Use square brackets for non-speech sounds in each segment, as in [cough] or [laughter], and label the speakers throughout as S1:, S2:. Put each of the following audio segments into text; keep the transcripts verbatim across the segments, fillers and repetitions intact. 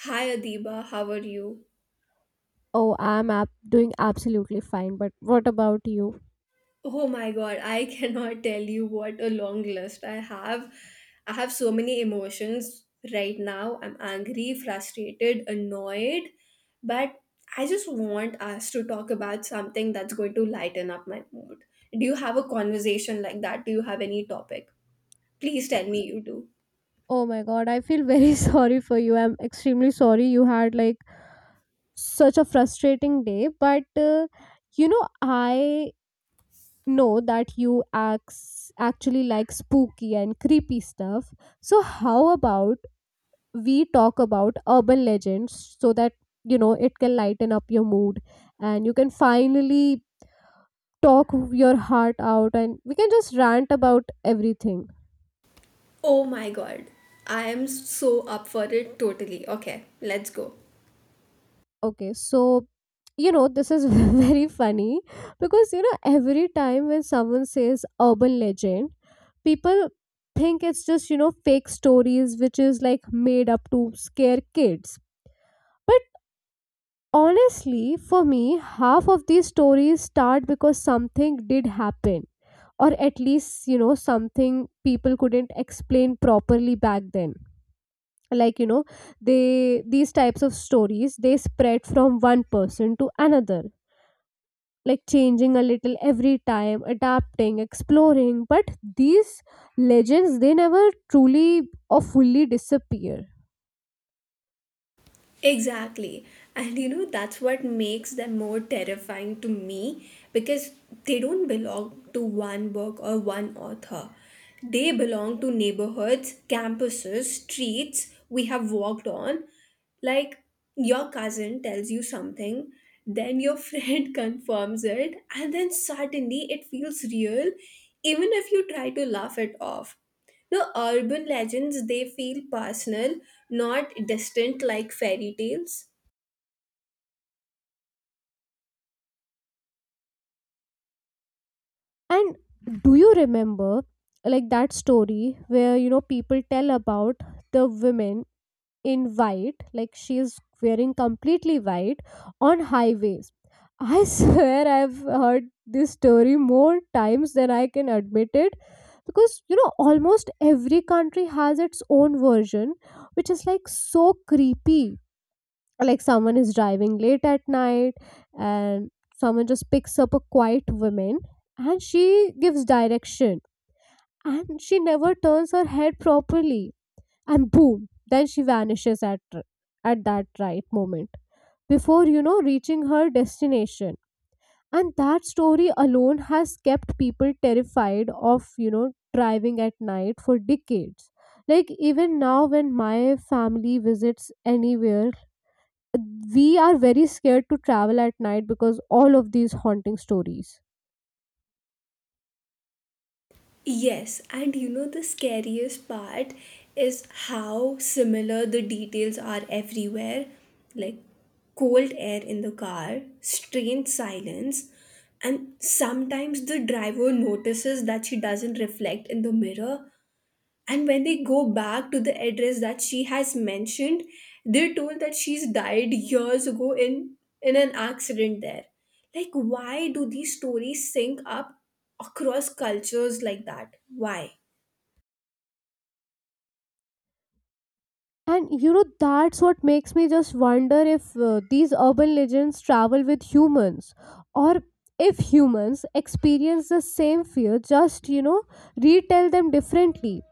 S1: Hi Adiba, how are you?
S2: Oh, I'm ab- doing absolutely fine, but what about you?
S1: Oh my god, I [laughs] cannot tell you what a long list I have. I have so many emotions right now. I'm angry, frustrated, annoyed, but I just want us to talk about something that's going to lighten up my mood. Do you have a conversation like that? Do you have any topic? Please tell me you do.
S2: Oh my god, I feel very [laughs] sorry for you. I'm extremely sorry you had like such a frustrating day, but uh, you know, I know that you acts actually like spooky and creepy stuff. So, how about we talk about urban legends so that you know it can lighten up your mood, and you can finally talk your heart out and we can just rant about everything.
S1: Oh my god, I am so up for it totally. Okay, let's go.
S2: Okay, so you know, this is [laughs] very funny because you know, every time when someone says urban legend, people think it's just you know, fake stories which is like made up to scare kids. But honestly, for me, half of these stories start because something did happen, or at least you know, something people couldn't explain properly back then. Like, you know, they these types of stories, they spread from one person to another, like changing a little every time, adapting, exploring, but these legends, they never truly or fully disappear.
S1: Exactly. And you know, that's what makes them more terrifying to me because they don't belong to one book or one author. They belong to neighborhoods, campuses, streets we have walked on. Like your cousin tells you something, then your [laughs] friend confirms it, and then suddenly it feels real, even if you try to laugh it off. No, urban legends, they feel personal, not distant like fairy tales.
S2: And do you remember like that story where you know people tell about the women in white, like she is wearing completely white on highways? I [laughs] swear I've heard this story more times than I can admit it, because you know almost every country has its own version, which is like so creepy. Like someone is driving late at night and someone just picks up a quiet woman, and she gives direction and she never turns her head properly, and boom, then she vanishes at at that right moment before you know reaching her destination. And that story alone has kept people terrified of you know driving at night for decades. Like even now when my family visits anywhere, we are very scared to travel at night because all of these haunting stories.
S1: Yes, and you know the scariest part is how similar the details are everywhere, like cold air in the car, strange silence, and sometimes the driver notices that she doesn't reflect in the mirror. And when they go back to the address that she has mentioned, they're told that she's died years ago in, in an accident there. Like, why do these stories sync up across cultures like that? Why?
S2: And you know, that's what makes me just wonder if uh, these urban legends travel with humans, or if humans experience the same fear, just you know, retell them differently.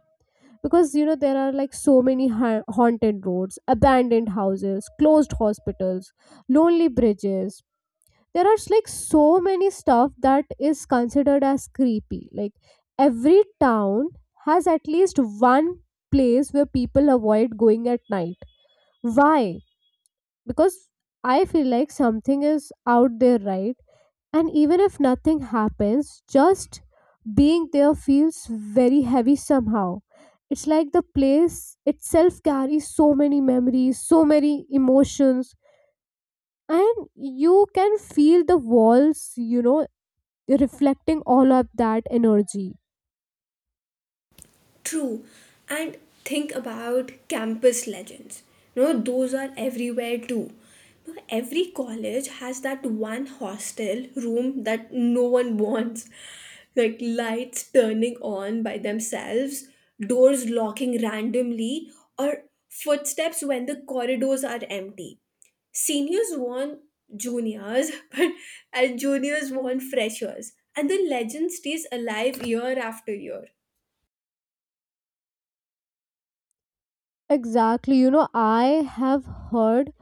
S2: Because you know, there are like so many ha- haunted roads, abandoned houses, closed hospitals, lonely bridges. There are like so many stuff that is considered as creepy. Like every town has at least one place where people avoid going at night. Why? Because I feel like something is out there, right? And even if nothing happens, just being there feels very heavy somehow. It's like the place itself carries so many memories, so many emotions, and you can feel the walls, you know, reflecting all of that energy.
S1: True. And think about campus legends. You know, those are everywhere too. You know, every college has that one hostel room that no one wants. Like lights turning on by themselves, doors locking randomly, or footsteps when the corridors are empty. Seniors want juniors, [laughs] but and juniors want freshers. And the legend stays alive year after year.
S2: Exactly. You know, I have heard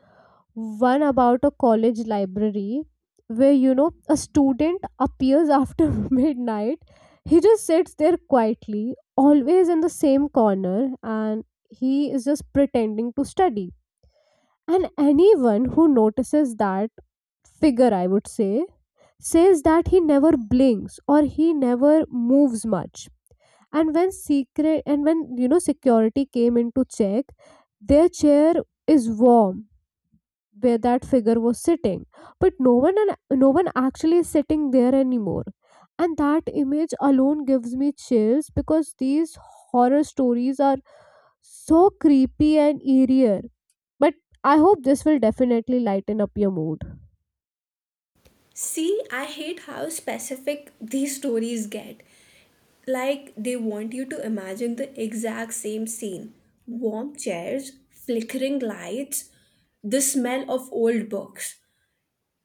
S2: one about a college library where you know a student appears after [laughs] midnight. He just sits there quietly, always in the same corner, and he is just pretending to study. And anyone who notices that figure, I would say, says that he never blinks or he never moves much. And when secret and when you know security came in to check, their chair is warm where that figure was sitting, but no one an- no one actually is sitting there anymore. And that image alone gives me chills, because these horror stories are so creepy and eerie, but I hope this will definitely lighten up your mood.
S1: See, I hate how specific these stories get. Like, they want you to imagine the exact same scene: warm chairs, flickering lights, the smell of old books.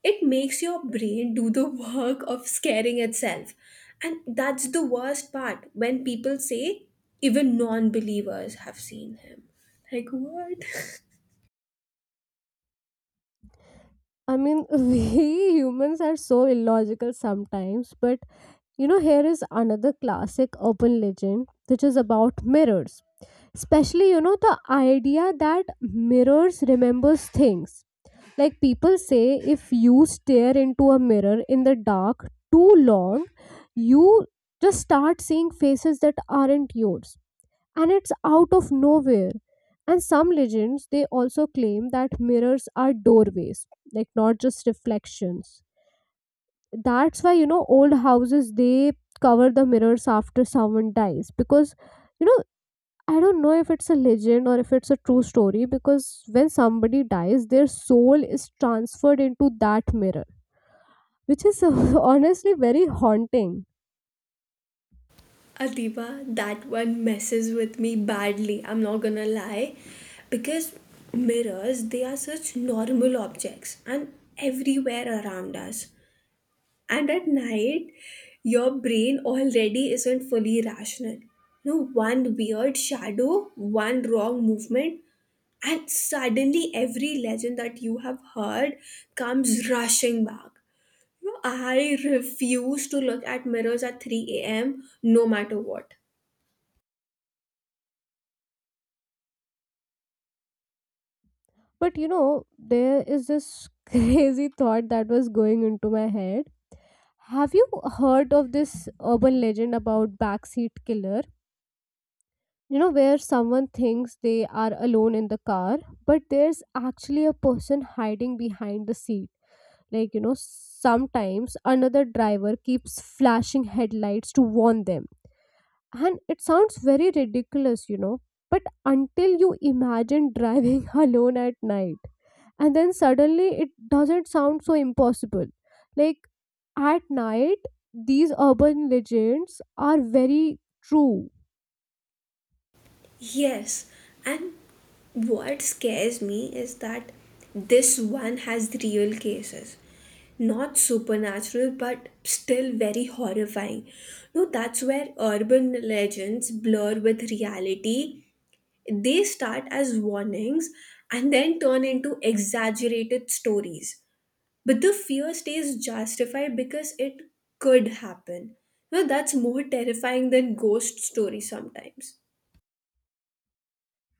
S1: It makes your brain do the work of scaring itself. And that's the worst part, when people say even non believers have seen him. Like, what? [laughs]
S2: I mean, [laughs] we humans are so illogical sometimes, but you know here is another classic urban legend, which is about mirrors. Especially you know the idea that mirrors remembers things. Like people say, if you stare into a mirror in the dark too long, you just start seeing faces that aren't yours. And it's out of nowhere. And some legends, they also claim that mirrors are doorways, like not just reflections. That's why, you know, old houses, they cover the mirrors after someone dies, because, you know, I don't know if it's a legend or if it's a true story, because when somebody dies, their soul is transferred into that mirror, which is [laughs] honestly very haunting.
S1: Adiba, that one messes with me badly, I'm not gonna lie. Because mirrors, they are such normal objects and everywhere around us. And at night, your brain already isn't fully rational. No, one weird shadow, one wrong movement, and suddenly every legend that you have heard comes rushing back. You know, I refuse to look at mirrors at three a m no matter what.
S2: But you know, there is this [laughs] crazy thought that was going into my head. Have you heard of this urban legend about backseat killer? You know where someone thinks they are alone in the car, but there's actually a person hiding behind the seat. Like you know sometimes another driver keeps flashing headlights to warn them, and it sounds very ridiculous, you know but until you imagine driving [laughs] alone at night, and then suddenly it doesn't sound so impossible. Like at night, these urban legends are very true.
S1: Yes, and what scares me is that this one has real cases. Not supernatural, but still very horrifying. No, that's where urban legends blur with reality. They start as warnings and then turn into exaggerated stories. But the fear stays justified because it could happen. No, that's more terrifying than ghost stories sometimes.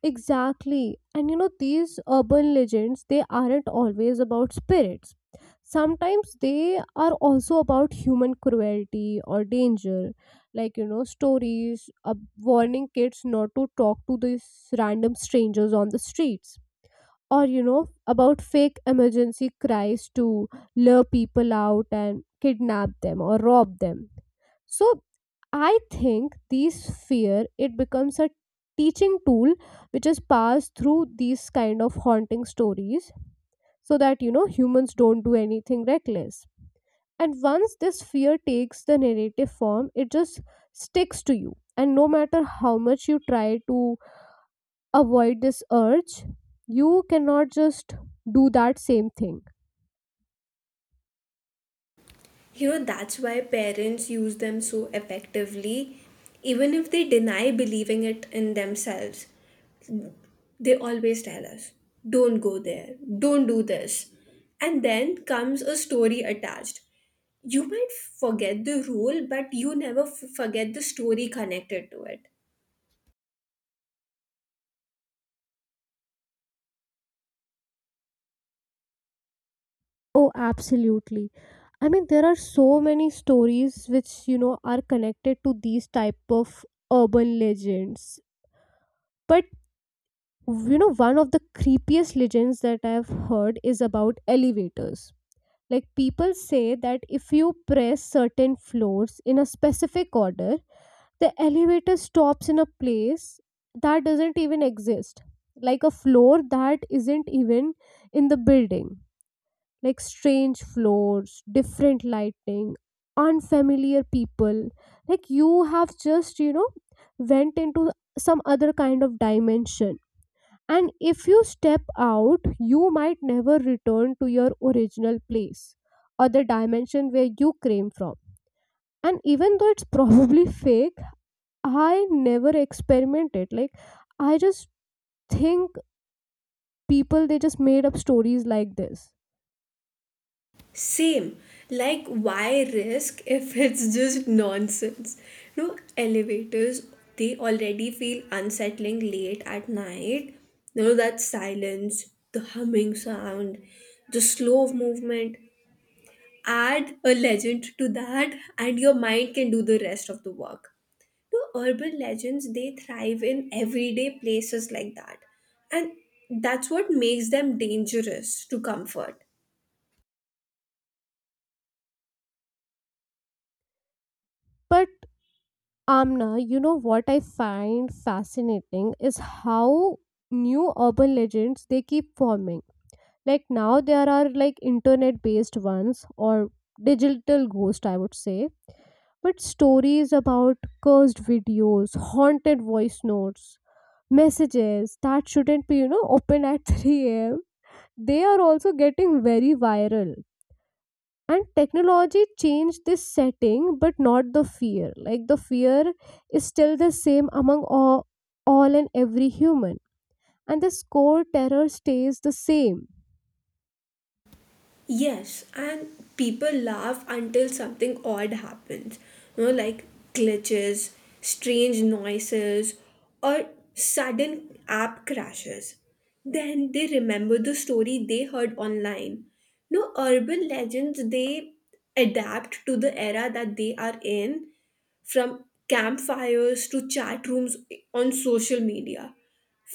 S2: Exactly. And you know, these urban legends, they aren't always about spirits. Sometimes they are also about human cruelty or danger. Like, you know, stories uh, warning kids not to talk to these random strangers on the streets. Or, you know, about fake emergency cries to lure people out and kidnap them or rob them. So I think these fear, it becomes a teaching tool, which is passed through these kind of haunting stories, so that you know humans don't do anything reckless. And once this fear takes the narrative form, it just sticks to you. And no matter how much you try to avoid this urge, you cannot just do that same thing.
S1: You know, that's why parents use them so effectively, even if they deny believing it in themselves. They always tell us, don't go there, don't do this. And then comes a story attached. You might forget the rule, but you never f- forget the story connected to it.
S2: Oh, absolutely. I mean, there are so many stories which, you know, are connected to these type of urban legends. But, you know, one of the creepiest legends that I've heard is about elevators. Like, people say that if you press certain floors in a specific order, the elevator stops in a place that doesn't even exist, like a floor that isn't even in the building. Like strange floors, different lighting, unfamiliar people. Like you have just, you know, went into some other kind of dimension. And if you step out, you might never return to your original place or the dimension where you came from. And even though it's probably [laughs] fake, I never experimented. Like, I just think people they just made up stories like this.
S1: Same. Like, why risk if it's just nonsense? No, elevators, they already feel unsettling late at night. No, that silence, the humming sound, the slow movement. Add a legend to that, and your mind can do the rest of the work. No, urban legends, they thrive in everyday places like that. And that's what makes them dangerous to comfort.
S2: But Amna, you know what I find fascinating is how new urban legends, they keep forming. Like now there are like internet based ones, or digital ghost I would say. But stories about cursed videos, haunted voice notes, messages that shouldn't be, you know, open at [laughs] three a m. They are also getting very viral, and technology changed this setting but not the fear. Like the fear is still the same among all, all and every human, and this core terror stays the same.
S1: Yes, and people laugh until something odd happens. You know, like glitches, strange noises, or sudden app crashes. Then they remember the story they heard online. No, urban legends, they adapt to the era that they are in, from campfires to chat rooms on social media.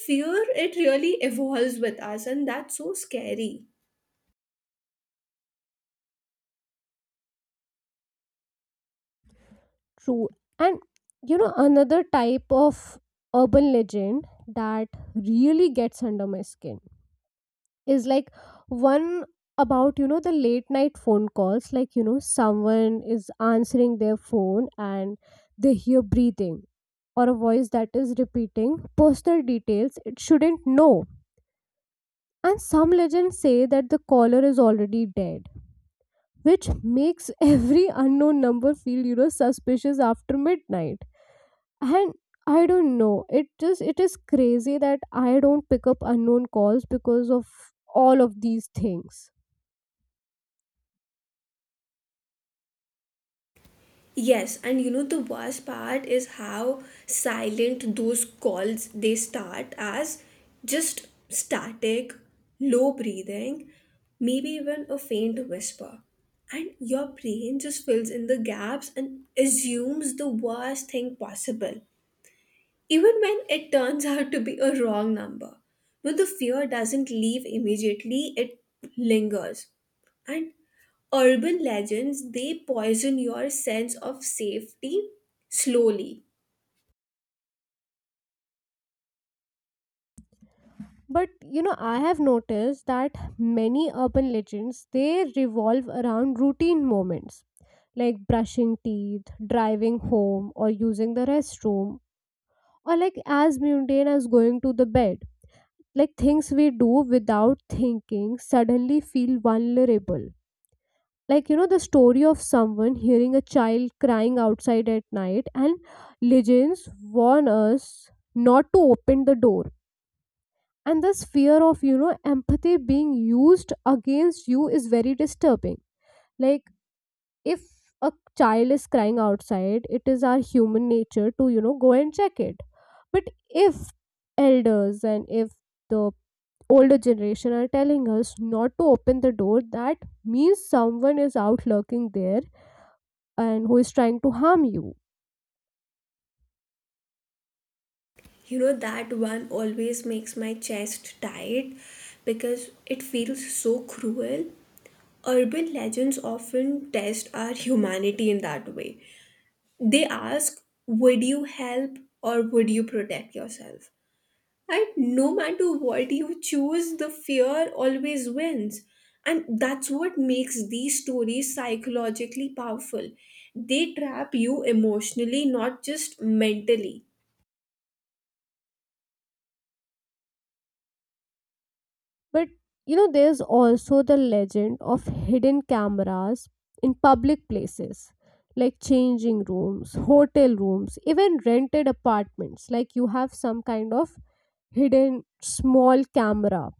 S1: Fear, it really evolves with us, and that's so scary.
S2: True. And you know another type of urban legend that really gets under my skin is like one about you know the late night phone calls, like you know someone is answering their phone and they hear breathing, or a voice that is repeating personal details it shouldn't know. And some legends say that the caller is already dead, which makes [laughs] every unknown number feel you know suspicious after midnight. And I don't know, it just it is crazy that I don't pick up unknown calls because of all of these things.
S1: Yes, and you know the worst part is how silent those calls. They start as just static, low breathing, maybe even a faint whisper. And your brain just fills in the gaps and assumes the worst thing possible even when it turns out to be a wrong number. No, the fear doesn't leave immediately, it lingers. And urban legends, they poison your sense of safety slowly.
S2: But you know, I have noticed that many urban legends, they revolve around routine moments like brushing teeth, driving home, or using the restroom, or like as mundane as going to the bed. Like things we do without thinking suddenly feel vulnerable. Like, you know, the story of someone hearing a child crying outside at night, and legends warn us not to open the door, and this fear of you know empathy being used against you is very disturbing. Like if a child is crying outside, it is our human nature to you know go and check it. But if elders, and if the older generation are telling us not to open the door, that means someone is out lurking there and who is trying to harm you.
S1: You know, that one always makes my chest tight because it feels so cruel. Urban legends often test our humanity in that way. They ask, would you help or would you protect yourself? And no matter what you choose, the fear always wins. And that's what makes these stories psychologically powerful. They trap you emotionally, not just mentally.
S2: But you know, there's also the legend of hidden cameras in public places, like changing rooms, hotel rooms, even rented apartments. Like you have some kind of hidden small camera.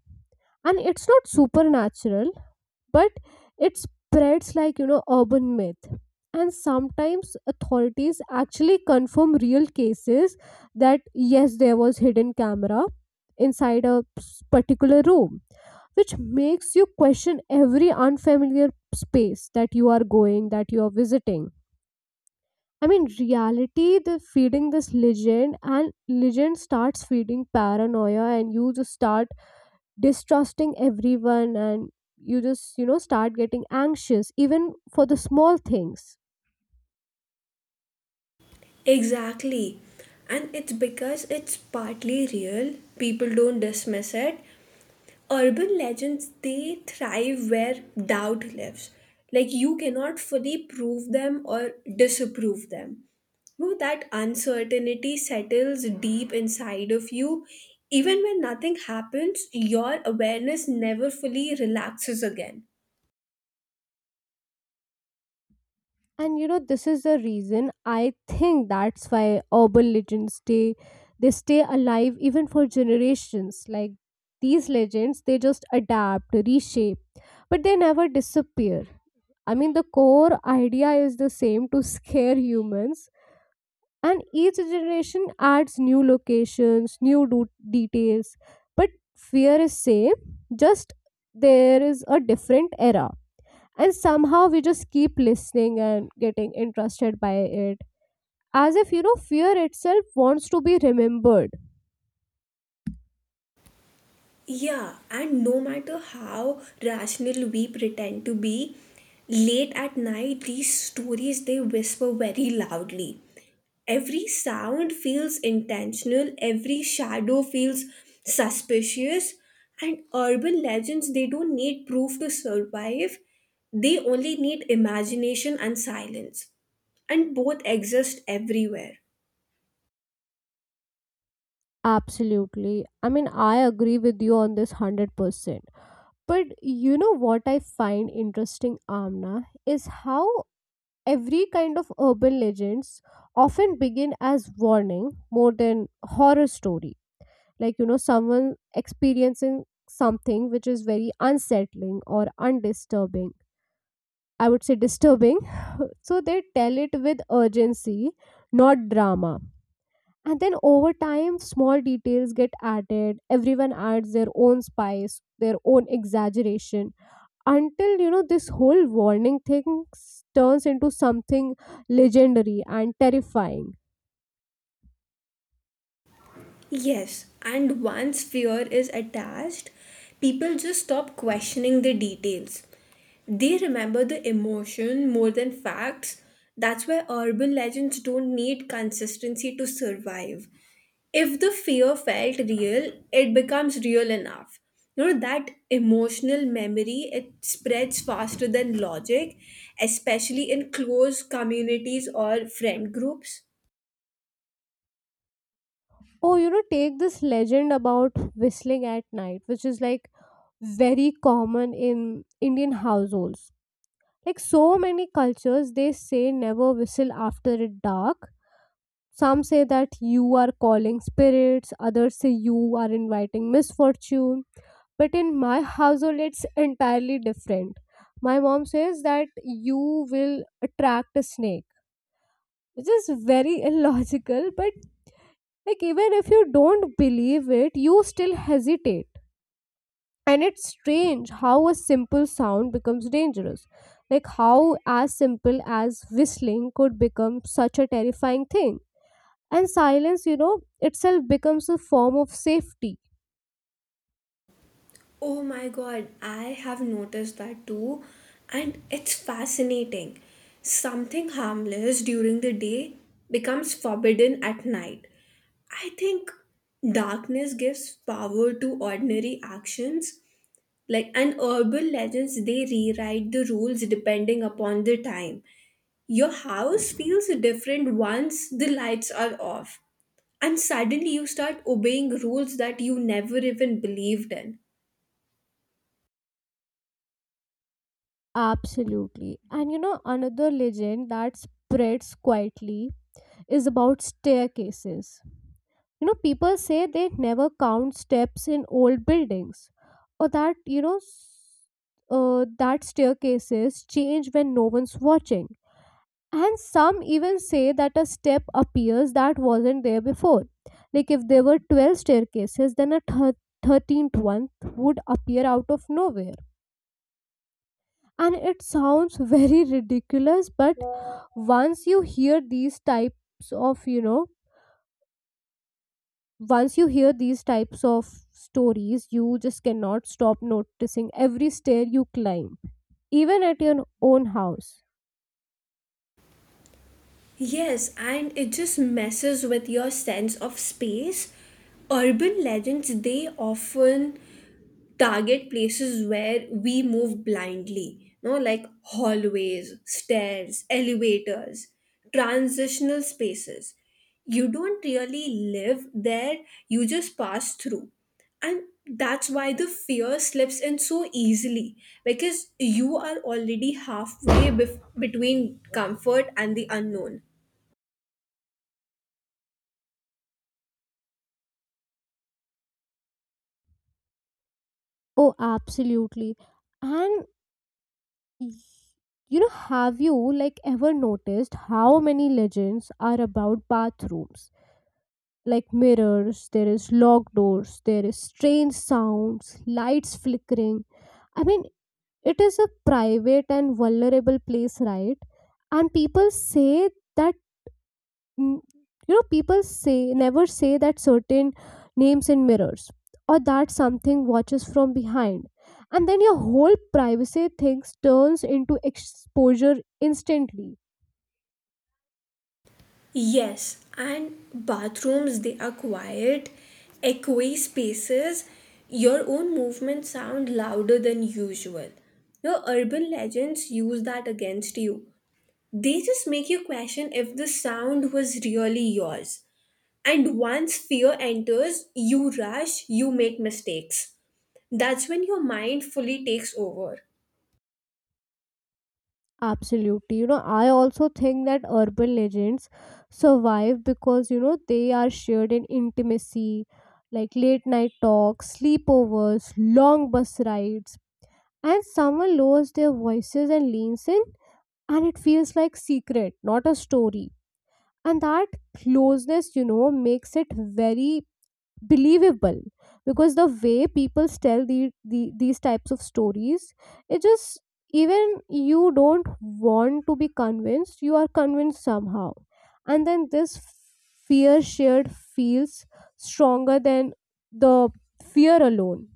S2: And it's not supernatural, but it spreads like, you know, urban myth. And sometimes authorities actually confirm real cases that yes, there was hidden camera inside a s- particular room, which makes you question every unfamiliar space that you are going, that you are visiting. I mean, reality, the feeding this legend, and legend starts feeding paranoia, and you just start distrusting everyone, and you just, you know, start getting anxious, even for the small things.
S1: Exactly. And it's because it's partly real, people don't dismiss it. Urban legends, they thrive where doubt lives. Like, you cannot fully prove them or disapprove them. No, that uncertainty settles deep inside of you. Even when nothing happens, your awareness never fully relaxes again.
S2: And you know this is the reason I think that's why urban legends stay. They stay alive even for generations. Like, these legends, they just adapt, reshape, but they never disappear. I mean, the core idea is the same: to scare humans. And each generation adds new locations, new do- details. But fear is same, just there is a different era. And somehow we just keep listening and getting interested by it, as if you know fear itself wants to be remembered.
S1: Yeah, and no matter how rational we pretend to be, late at night, these stories, they whisper very loudly. Every sound feels intentional, every shadow feels suspicious, and urban legends, they don't need proof to survive. They only need imagination and silence, and both exist everywhere.
S2: Absolutely. I mean, I agree with you on this one hundred percent. But you know what I find interesting, Amna, is how every kind of urban legends often begin as warning more than horror story. Like, you know, someone experiencing something which is very unsettling or undisturbing, I would say disturbing. [laughs] So they tell it with urgency, not drama. And then over time, small details get added. Everyone adds their own spice, their own exaggeration, until you know this whole warning thing s- turns into something legendary and terrifying.
S1: Yes, and once fear is attached, people just stop questioning the details. They remember the emotion more than facts. That's why urban legends don't need consistency to survive. If the fear felt real, it becomes real enough. You know, that emotional memory, it spreads faster than logic, especially in close communities or friend groups.
S2: Oh, you know, take this legend about whistling at night, which is like very common in Indian households. Like, so many cultures, they say never whistle after it dark. Some say that you are calling spirits, others say you are inviting misfortune. But in my household it's entirely different. My mom says that you will attract a snake, which is very [laughs] illogical. But like, even if you don't believe it, you still hesitate. And it's strange how a simple sound becomes dangerous. Like how as simple as whistling could become such a terrifying thing. And silence, you know, itself becomes a form of safety.
S1: Oh my god, I have noticed that too, and it's fascinating. Something harmless during the day becomes forbidden at night. I think darkness gives power to ordinary actions, like, and urban legends, they rewrite the rules depending upon the time. Your house feels different once the lights are off, and suddenly you start obeying rules that you never even believed in.
S2: Absolutely. And you know, another legend that spreads quietly is about staircases. You know, people say they never count steps in old buildings, or that, you know, s- uh, that staircases change when no one's watching. And some even say that a step appears that wasn't there before. Like if there were twelve staircases, then a thir- thirteenth one would appear out of nowhere. And it sounds [laughs] very ridiculous, but once you hear these types of, you know, once you hear these types of stories, you just cannot stop noticing every stair you climb, even at your own house.
S1: Yes, and it just messes with your sense of space. Urban legends, they often target places where we move blindly, no, like hallways, stairs, elevators, transitional spaces. You don't really live there, you just pass through. And that's why the fear slips in so easily, because you are already halfway bef- between comfort and the unknown.
S2: Oh, absolutely. And Y- you know, have you like ever noticed how many legends are about bathrooms? Like mirrors, there is locked doors, there is strange sounds, lights flickering. I mean, it is a private and vulnerable place, right? And people say that Mm, you know, people say never say that certain names in mirrors, or that something watches from behind, and then your whole privacy things turns into exposure instantly.
S1: Yes, and bathrooms, they are quiet, echoey spaces. Your own movements sound louder than usual. Your urban legends use that against you. They just make you question if the sound was really yours. And once fear enters, you rush, you make mistakes. That's when your mind fully takes over.
S2: Absolutely. You know, I also think that urban legends survive because, you know, they are shared in intimacy. Like late night talks, sleepovers, long bus rides, and someone lowers their voices and leans in, and it feels like secret, not a story. And that closeness, you know, makes it very believable. Because the way people tell the, the these types of stories, it just, even, you don't want to be convinced, you are convinced somehow. And then this fear shared feels stronger than the fear alone.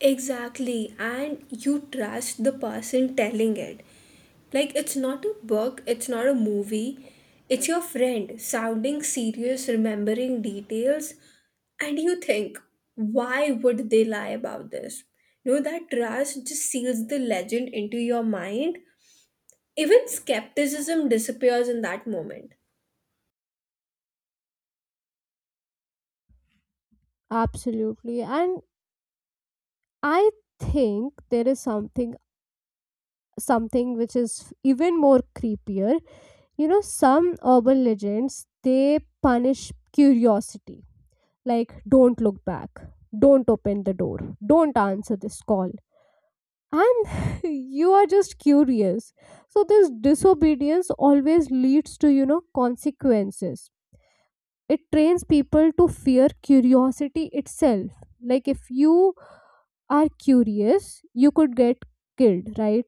S1: Exactly, and you trust the person telling it. Like, it's not a book, it's not a movie, it's your friend sounding serious, remembering details, and you think, why would they lie about this? No, that trust just seals the legend into your mind. Even skepticism disappears in that moment.
S2: Absolutely. And I think there is something something which is even more creepier. You know, some urban legends they punish curiosity, like don't look back, don't open the door, don't answer this call. And [laughs] you are just curious. So this disobedience always leads to, you know, consequences. It trains people to fear curiosity itself. Like if you are curious, you could get killed, right?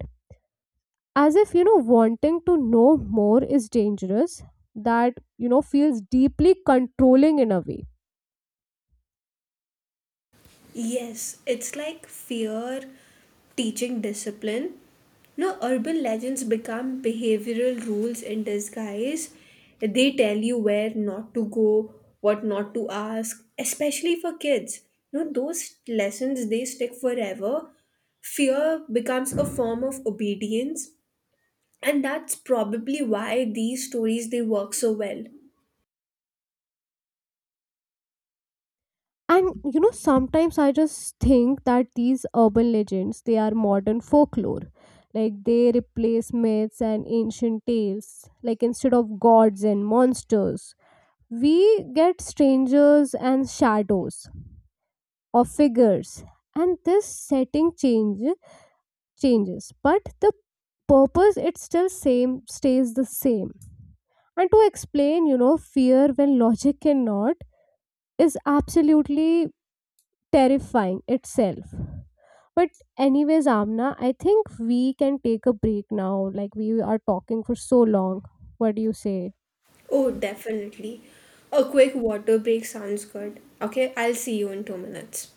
S2: As if, you know, wanting to know more is dangerous. That, you know, feels deeply controlling in a way.
S1: Yes, it's like fear teaching discipline. No, urban legends become behavioral rules in disguise. They tell you where not to go, what not to ask, especially for kids. No, those lessons, they stick forever. Fear becomes a form of obedience, and that's probably why these stories, they work so well.
S2: And you know, sometimes I just think that these urban legends, they are modern folklore. Like they replace myths and ancient tales. Like instead of gods and monsters, we get strangers and shadows, or figures. And this setting change changes, but the purpose it still same stays the same. And to explain, you know, fear when logic cannot is absolutely terrifying itself. But anyways, Amna, I think we can take a break now. Like we are talking for so long. What do you say?
S1: Oh, definitely. A quick water break sounds good. Okay, I'll see you in two minutes.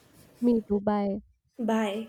S2: Me too. Bye.
S1: Bye.